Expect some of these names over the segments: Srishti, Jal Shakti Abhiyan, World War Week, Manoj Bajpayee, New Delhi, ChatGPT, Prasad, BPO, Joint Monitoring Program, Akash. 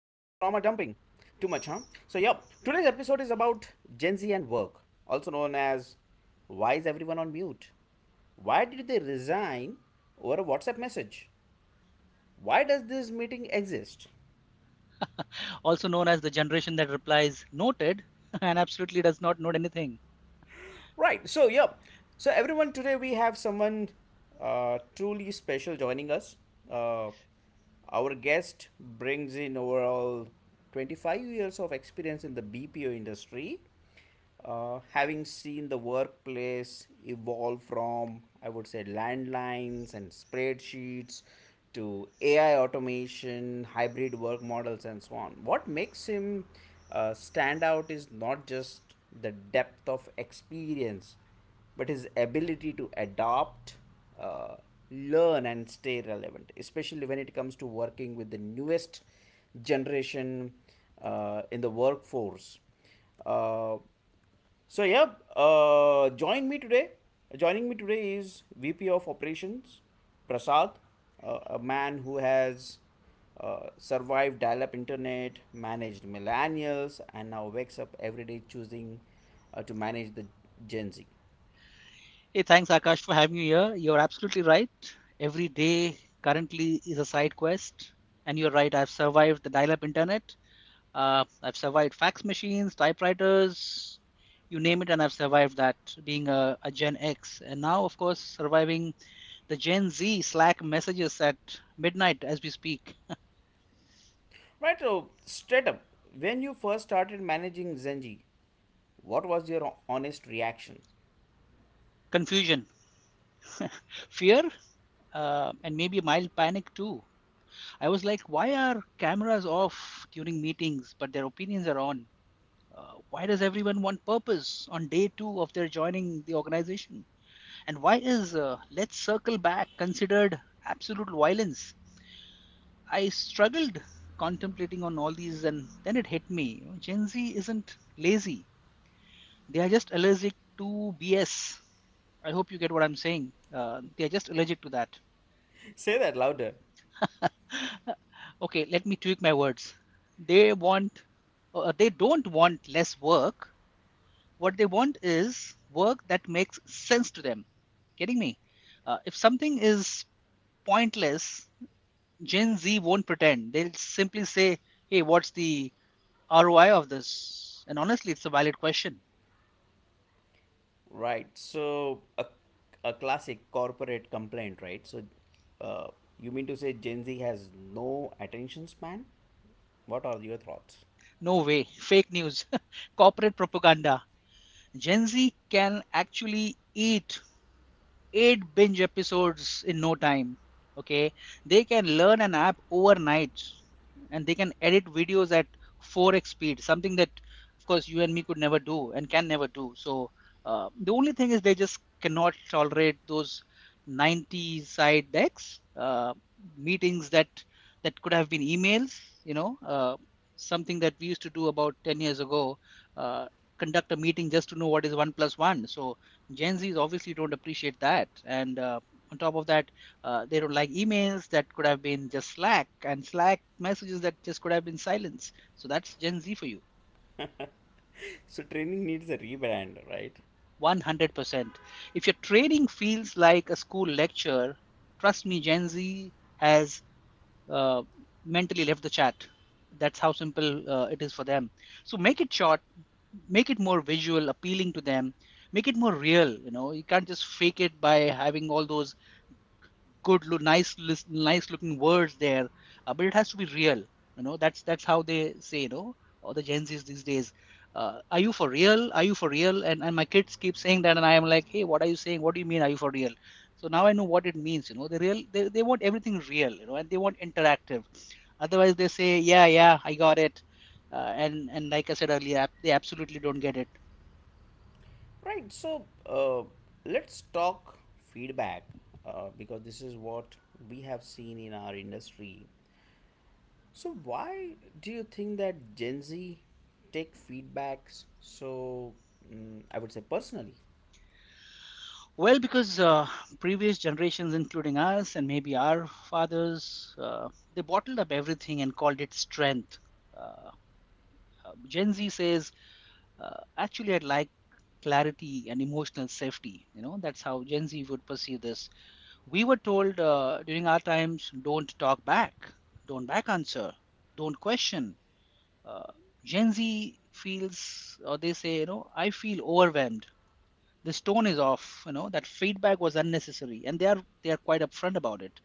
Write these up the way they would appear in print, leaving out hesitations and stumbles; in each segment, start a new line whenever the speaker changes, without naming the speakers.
Too much, huh? So, yeah, today's episode is about Gen Z and work, also known as, why is everyone on mute? Why did they resign over a WhatsApp message? Why does this meeting exist?
Also known as the generation that replies noted and absolutely does not note anything.
Right. So, yeah. Everyone, today we have someone truly special joining us. Uh, our guest brings in overall 25 years of experience in the BPO industry, having seen the workplace evolve from, I would say, landlines and spreadsheets to AI automation, hybrid work models, and so on. What makes him stand out is not just the depth of experience, but his ability to adapt, uh, learn, and stay relevant, especially when it comes to working with the newest generation in the workforce. Uh, so yeah, uh, join me today. Joining me today is VP of Operations Prasad, a man who has survived dial-up internet, managed millennials, and now wakes up every day choosing to manage the Gen Z.
Hey, thanks Akash for having me here. You're absolutely right. Every day currently is a side quest. And you're right, I've survived the dial up internet. I've survived fax machines, typewriters, you name it, and I've survived that being a Gen X. And now, of course, surviving the Gen Z Slack messages at midnight as we speak.
Right, so straight up, when you first started managing Gen Z, what was your honest reaction?
Confusion, fear, and maybe mild panic too. I was like, why are cameras off during meetings, but their opinions are on? Why does everyone want purpose on day two of their joining the organization? And why is let's circle back considered absolute violence? I struggled contemplating on all these, and then it hit me. You know, Gen Z isn't lazy; they are just allergic to BS. I hope you get what I'm saying. They are just allergic to that.
Say that louder.
Okay, let me tweak my words. They want, they don't want less work. What they want is work that makes sense to them. Getting me? If something is pointless, Gen Z won't pretend. They'll simply say, "Hey, what's the ROI of this?" And honestly, it's a valid question.
Right. So a classic corporate complaint, right? Uh, you mean to say Gen Z has no attention span? What are your thoughts?
No way. Fake news, corporate propaganda. Gen Z can actually eat eight binge episodes in no time. Okay, they can learn an app overnight and they can edit videos at 4x speed, something that, of course, you and me could never do and can never do. So, the only thing is they just cannot tolerate those 90 side decks, meetings that could have been emails, you know, uh, something that we used to do about 10 years ago, uh, conduct a meeting just to know what is one plus one. So Gen Zs obviously don't appreciate that. And On top of that, they don't like emails that could have been just Slack and Slack messages that just could have been silence. So that's Gen Z for you.
So training needs a rebrand, right?
100%. If your training feels like a school lecture, trust me, Gen Z has uh, mentally left the chat. That's how simple it is for them. So make it short, make it more visual, appealing to them, make it more real. You know, you can't just fake it by having all those nice nice looking words there, but it has to be real. You know, that's how they say, you know, all the Gen Z's these days, are you for real, are you for real? And my kids keep saying that, and I am like, hey, what are you saying? What do you mean are you for real? So now I know what it means. You know, they real, they want everything real, you know, and they want interactive. Otherwise they say, yeah, yeah, I got it. And like I said earlier, they absolutely don't get it.
Right. Let's talk feedback because this is what we have seen in our industry. So why do you think that Gen Z take feedbacks so, I would say, personally?
Well, because previous generations, including us and maybe our fathers, they bottled up everything and called it strength. Uh, Gen Z says, uh, actually, I'd like clarity and emotional safety. You know, that's how Gen Z would perceive this. We were told during our times, don't talk back, don't back answer, don't question. Uh, Gen Z feels, or they say, you know, I feel overwhelmed, this tone is off, you know, that feedback was unnecessary, and they are quite upfront about it.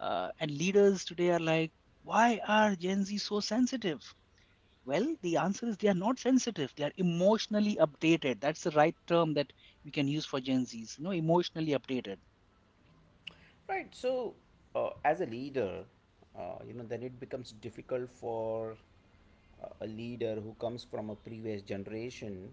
And leaders today are like, why are Gen Z so sensitive? Well, the answer is they are not sensitive, they are emotionally updated. That's the right term that we can use for Gen Z's, you know, emotionally updated.
Right. As a leader, you know, then it becomes difficult for a leader who comes from a previous generation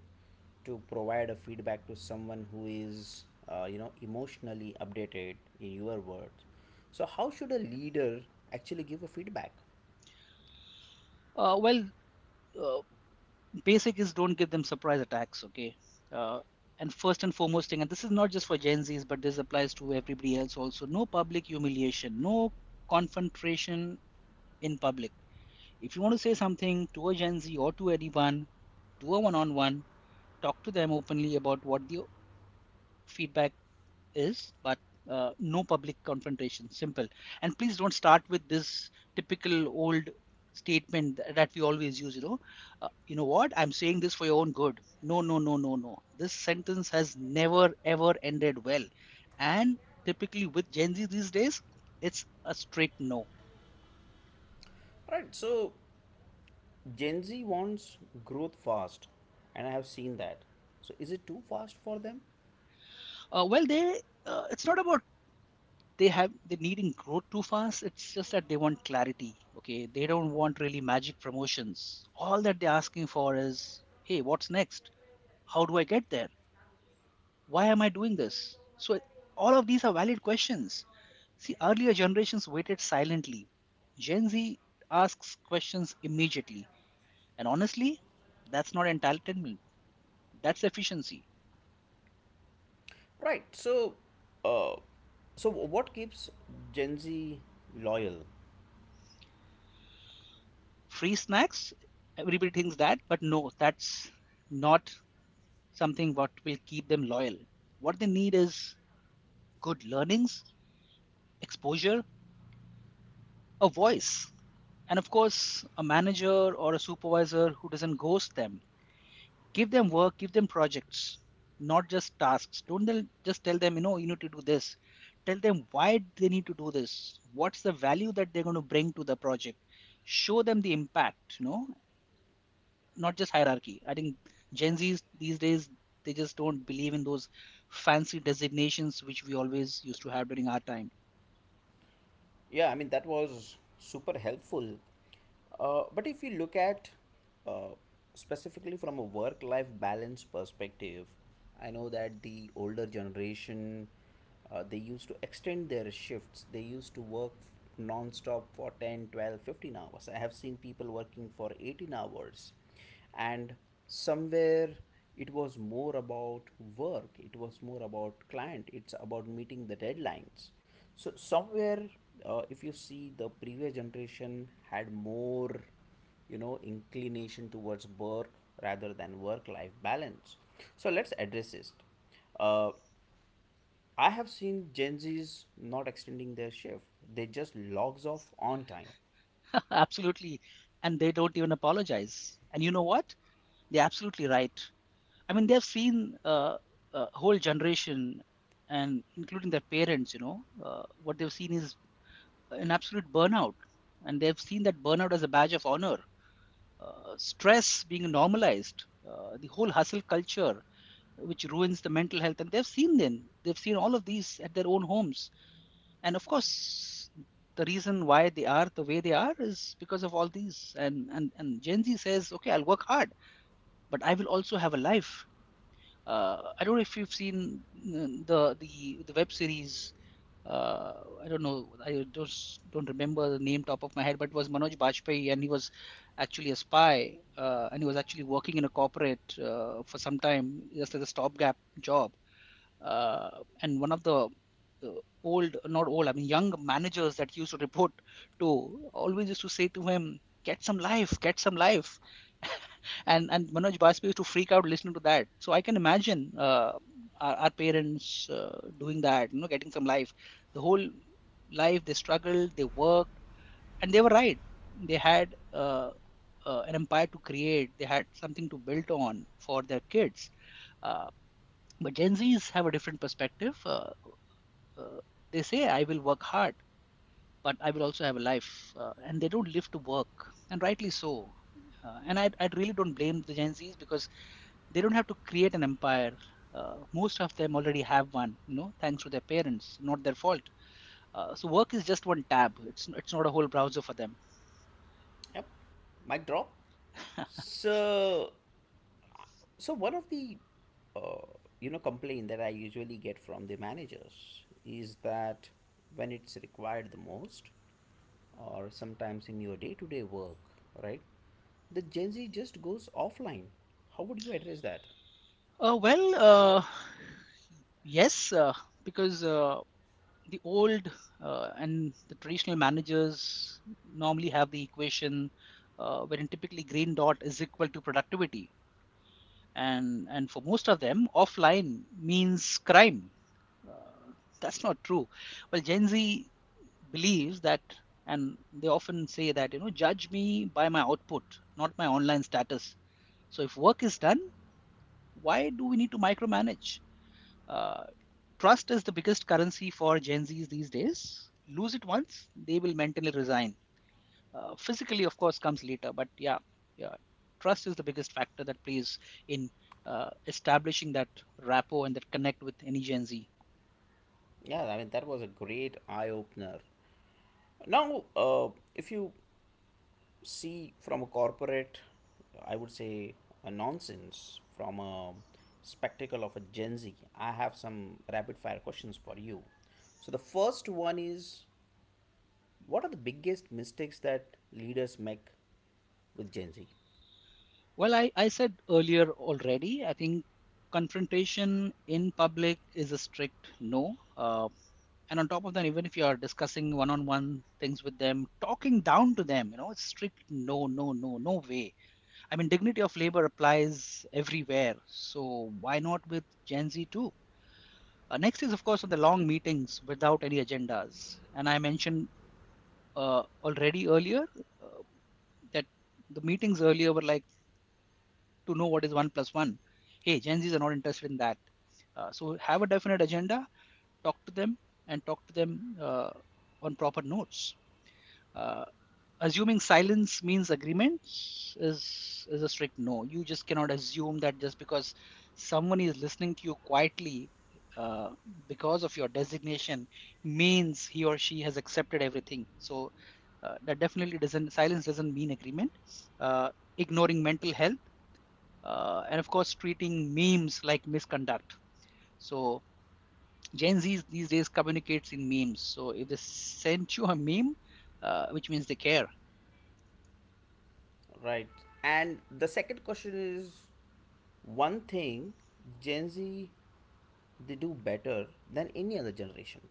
to provide a feedback to someone who is, you know, emotionally updated in your words. So, how should a leader actually give a feedback?
uh, well uh, Basic is, don't give them surprise attacks, okay? uh, and first and foremost thing, and this is not just for Gen Z's but this applies to everybody else also, no public humiliation, no confrontation in public. If you want to say something to a Gen Z or to anyone, do a one on one, talk to them openly about what the feedback is, but no public confrontation. Simple. And please don't start with this typical old statement that we always use, you know, you know what I'm saying, this for your own good. No, no, no, no, no, this sentence has never ever ended well. And typically with Gen Z these days, it's a straight no.
Right. So, Gen Z wants growth fast, and I have seen that. So, is it too fast for them?
Well they It's not about they needn't grow too fast, it's just that they want clarity. Okay, they don't want really magic promotions. All that they're asking for is, hey, what's next? How do I get there? Why am I doing this? So all of these are valid questions. See, earlier generations waited silently. Gen Z asks questions immediately, and honestly, that's not entitlement, that's efficiency.
Right. Uh, so what keeps Gen Z loyal?
Free snacks, everybody thinks that, but no, that's not something what will keep them loyal. What they need is good learnings, exposure, a voice, and of course, a manager or a supervisor who doesn't ghost them. Give them work, give them projects, not just tasks. Don't just tell them, you know, you need to do this. Tell them why they need to do this. What's the value that they're going to bring to the project? Show them the impact, you know, not just hierarchy. I think Gen Zs these days, they just don't believe in those fancy designations which we always used to have during our time.
Yeah, I mean that was super helpful. But if you look at uh, specifically from a work-life balance perspective, I know that the older generation, they used to extend their shifts. They used to work non-stop for 10, 12, 15 hours. I have seen people working for 18 hours. And somewhere it was more about work, it was more about client, it's about meeting the deadlines. So somewhere, if you see, the previous generation had more, you know, inclination towards work rather than work life balance. So let's address this. Uh, i have seen Gen Z's not extending their shift, they just logs off on time.
Absolutely, and they don't even apologize. And you know what? They're absolutely right. I mean, they've seen a whole generation, and including their parents. You know, what they've seen is an absolute burnout, and they've seen that burnout as a badge of honor. Stress being normalized, the whole hustle culture, which ruins the mental health, and they've seen them, they've seen all of these at their own homes. And of course, the reason why they are the way they are is because of all these. And Gen Z says, okay, I'll work hard, but I will also have a life. I don't know if you've seen the web series. I don't know. I just don't remember the name top of my head, but it was Manoj Bajpayee, and he was actually a spy, and he was actually working in a corporate for some time, just as a stopgap job. uh, and one of the old, not old, I mean young managers that he used to report to always used to say to him, get some life, get some life. And Manoj Bajpayee used to freak out listening to that. So I can imagine our parents doing that, you know, getting some life. The whole life they struggled, they worked, and they were right. They had an empire to create, they had something to build on for their kids. Uh, but Gen Zs have a different perspective. Uh, they say, I will work hard, but I will also have a life. And they don't live to work, and rightly so. And I really don't blame the Gen Zs because they don't have to create an empire. Most of them already have one, you know, thanks to their parents, not their fault. So work is just one tab. It's not a whole browser for them.
Yep, mic drop. So So one of the, uh, you know, complaint that I usually get from the managers is that when it's required the most, or sometimes in your day-to-day work, right? The Gen Z just goes offline. How would you address that?
Uh, well, uh, yes, uh, because the old and the traditional managers normally have the equation wherein typically green dot is equal to productivity, and for most of them offline means crime. uh, that's not true. Well, Gen Z believes that, and they often say that, you know, judge me by my output, not my online status. So if work is done, why do we need to micromanage? uh, Trust is the biggest currency for Gen Zs these days. Lose it once, they will mentally resign. Physically, of course, comes later, but yeah, yeah, trust is the biggest factor that plays in establishing that rapport and that connect with any Gen Z.
Yeah, I mean that was a great eye opener. Now, if you see from a corporate, I would say, a nonsense, from a spectacle of a Gen Z, I have some rapid fire questions for you. So, the first one is, what are the biggest mistakes that leaders make with Gen Z?
Well, I said earlier already, I think confrontation in public is a strict no. And on top of that, even if you are discussing one on one things with them, talking down to them, you know, it's strict no, no, no, no way. I mean, dignity of labor applies everywhere, so why not with Gen Z too? Next is, of course, on the long meetings without any agendas. And I mentioned already earlier uh, that the meetings earlier were like to know what is one plus one. Hey, Gen Zs are not interested in that. So have a definite agenda, talk to them, and talk to them on proper notes. Uh, assuming silence means agreement is is a strict no. You just cannot assume that just because someone is listening to you quietly uh, because of your designation means he or she has accepted everything. So uh, that definitely doesn't silence doesn't mean agreement. uh, Ignoring mental health, and of course treating memes like misconduct. So Gen Z these days communicates in memes, so if they sent you a meme, which means they care.
Right. And the second question is, one thing Gen Z they do better than any other generation.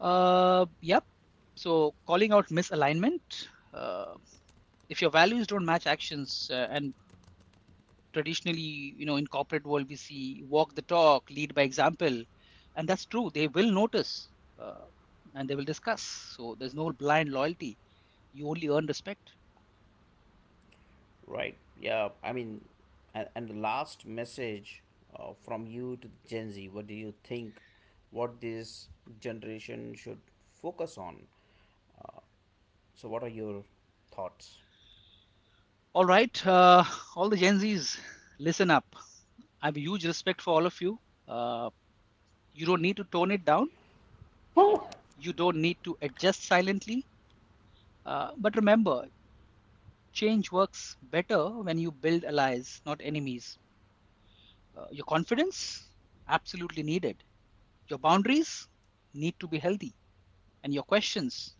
Yep. So calling out misalignment. Uh, if your values don't match actions, and traditionally, you know, in corporate world, we see walk the talk, lead by example, and that's true. They will notice, uh, and they will discuss. So there's no blind loyalty. You only earn respect.
Right. Yeah. I mean, and the last message from you to Gen Z. What do you think? What this generation should focus on? So, what are your thoughts?
All right, all the Gen Zs, listen up. I have a huge respect for all of you. Uh, you don't need to tone it down. You don't need to adjust silently. But remember, change works better when you build allies, not enemies. Your confidence? Absolutely needed. Your boundaries? Need to be healthy. And your questions?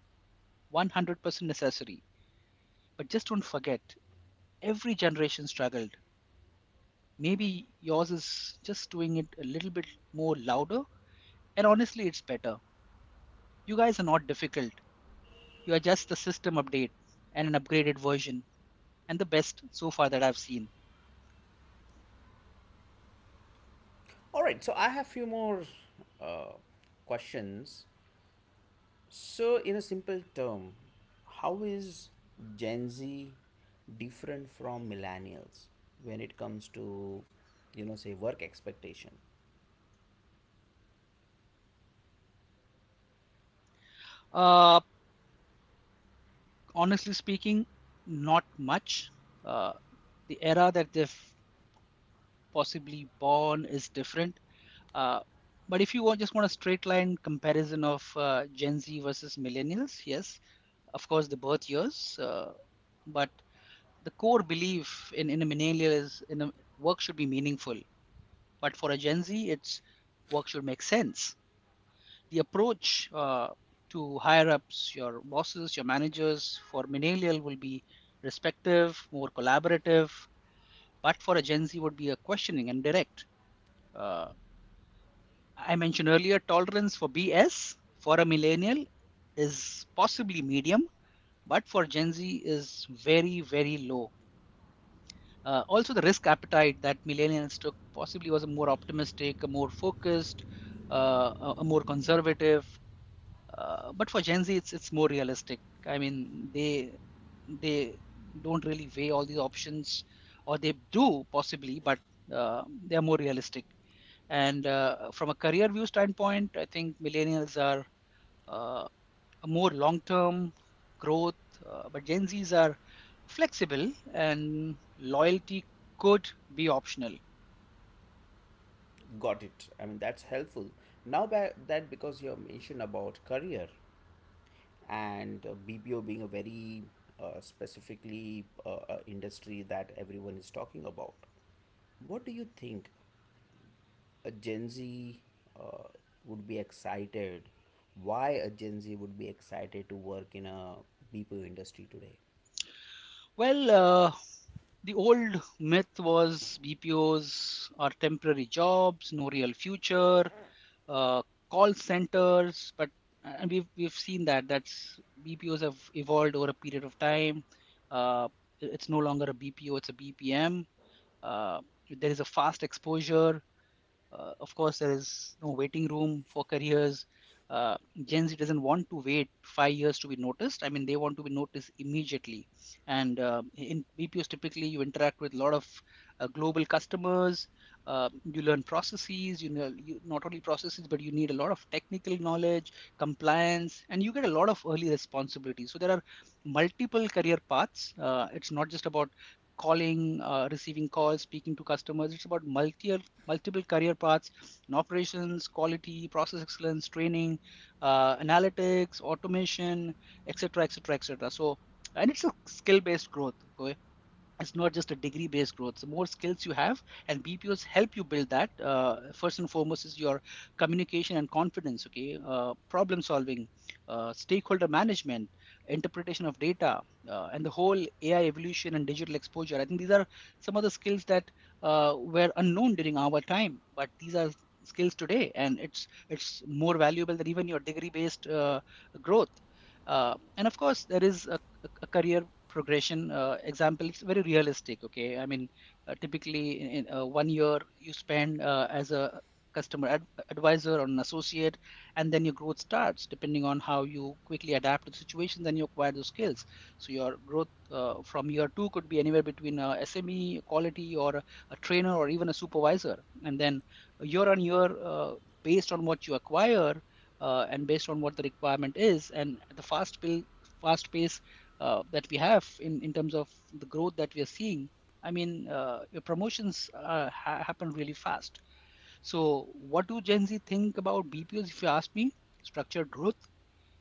100% necessary. But just don't forget, every generation struggled. Maybe yours is just doing it a little bit more louder, and honestly, it's better. You guys are not difficult. You are just a system update and an upgraded version, and the best so far that I've seen.
All right. So, I have few more uh, questions. So, in a simple term, how is Gen Z different from millennials when it comes to, you know, say, work expectation?
Uh, Honestly speaking, not much. Uh, the era that they've possibly born is different. Uh, but if you want, just want a straight line comparison of Gen Z versus millennials, yes, of course, the birth years. But the core belief in a millennial is work should be meaningful. But for a Gen Z, it's work should make sense. The approach to higher ups, your bosses, your managers for millennial will be respective, more collaborative, but for a Gen Z would be a questioning and direct. Uh, I mentioned earlier tolerance for BS for a millennial is possibly medium, but for Gen Z is very, very low. Also, the risk appetite that millennials took possibly was a more optimistic, a more focused, a more conservative. But for Gen Z, it's more realistic. I mean, they don't really weigh all these options, or they do possibly, but they are more realistic. And from a career view standpoint, I think millennials are uh, more long-term growth, but Gen Zs are flexible, and loyalty could be optional.
Got it. I mean, that's helpful. Now that because you have mentioned about career, and BPO being a very specifically industry that everyone is talking about, what do you think a Gen Z uh, would be excited? Why a Gen Z would be excited to work in a BPO industry today?
Well, the old myth was BPOs are temporary jobs, no real future, uh, call centers, but and we've seen that that's BPOs have evolved over a period of time. Uh, it's no longer a BPO, it's a BPM. Uh, there is a fast exposure. Of course, there is no waiting room for careers. Uh, Gen Z doesn't want to wait 5 years to be noticed. I mean, they want to be noticed immediately. And in BPOs, typically, you interact with a lot of global customers. You learn processes. You know, not only processes, but you need a lot of technical knowledge, compliance, and you get a lot of early responsibilities. So there are multiple career paths. It's not just about calling, receiving calls, speaking to customers. It's about multiple career paths in operations, quality, process excellence, training, analytics, automation, etc., etc., etc. So, and it's a skill-based growth. So it's not just a degree based growth. The more skills you have and BPOs help you build that. First and foremost is your communication and confidence, okay. Problem solving, stakeholder management, interpretation of data, and the whole AI evolution and digital exposure. I think these are some of the skills that were unknown during our time, but these are skills today, and it's more valuable than even your degree based growth. And of course there is a career progression example. It's very realistic, okay. I mean, typically in 1 year you spend as a advisor or an associate, and then your growth starts depending on how you quickly adapt to the situation, then you acquire those skills. So your growth from year two could be anywhere between a SME, quality, or a trainer or even a supervisor. And then year on year, based on what you acquire, and based on what the requirement is, and at the fast pace that we have, in terms of the growth that we are seeing, I mean, promotions happen really fast. So, what do Gen Z think about BPOs? If you ask me, structured growth,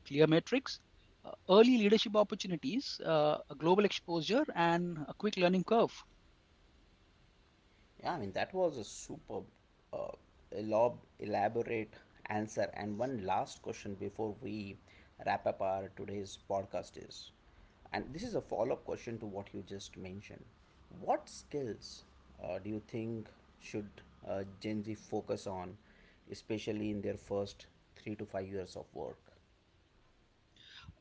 clear metrics, early leadership opportunities, a global exposure, and a quick learning curve.
Yeah, I mean, that was a superb, uh, elaborate answer. And one last question before we wrap up our today's podcast is, and this is a follow up question to what you just mentioned. What skills do you think should Gen Z focus on, especially in their first 3 to 5 years of work?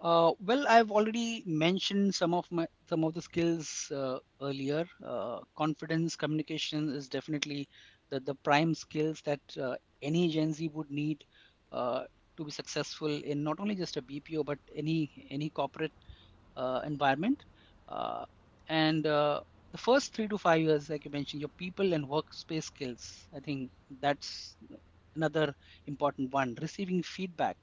Well, I've already mentioned some of the skills earlier. Confidence, communication is definitely the prime skills that any Gen Z would need uh, to be successful in not only just a BPO, but any corporate environment. Uh, and The first 3 to 5 years, like you mentioned, your people and workspace skills. I think that's another important one. Receiving feedback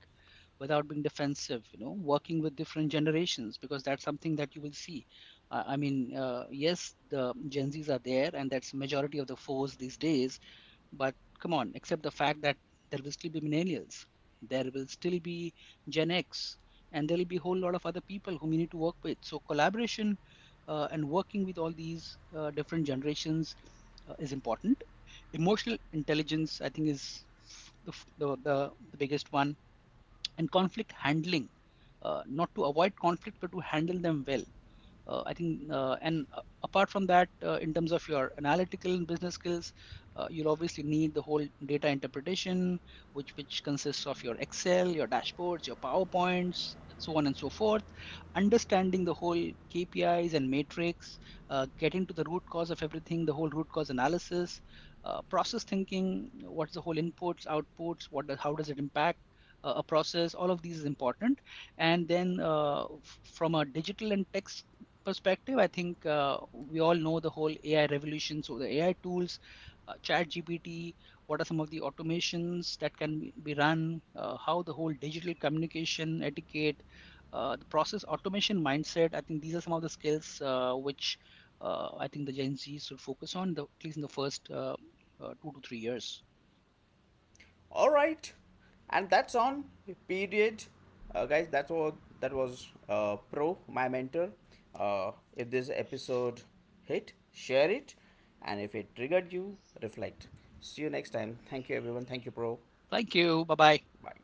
without being defensive, you know, working with different generations, because that's something that you will see. Yes, the Gen Z's are there and that's majority of the force these days, but come on, accept the fact that there will still be millennials, there will still be Gen X, and there will be a whole lot of other people whom you need to work with. So collaboration and working with all these different generations is important. Emotional intelligence, I think, is the, the, the biggest one. And conflict handling, not to avoid conflict but to handle them well. I think and Apart from that, in terms of your analytical and business skills, you'll obviously need the whole data interpretation, which consists of your Excel, your dashboards, your PowerPoints, so on and so forth. Understanding the whole KPIs and matrix, getting to the root cause of everything, the whole root cause analysis, process thinking, what's the whole inputs outputs, how does it impact a process. All of these is important. And then from a digital and text perspective, I think we all know the whole AI revolution. So the AI tools, ChatGPT, what are some of the automations that can be run, how the whole digital communication etiquette, the process automation mindset. I think these are some of the skills which I think the Gen Z should focus on, at least in the first 2 to 3 years.
All right, and that's on period. Guys, that's what, that was pro my mentor. If this episode hit, share it, and if it triggered you, reflect. See you next time. Thank you everyone, thank you pro.
Thank you. Bye bye.
Bye.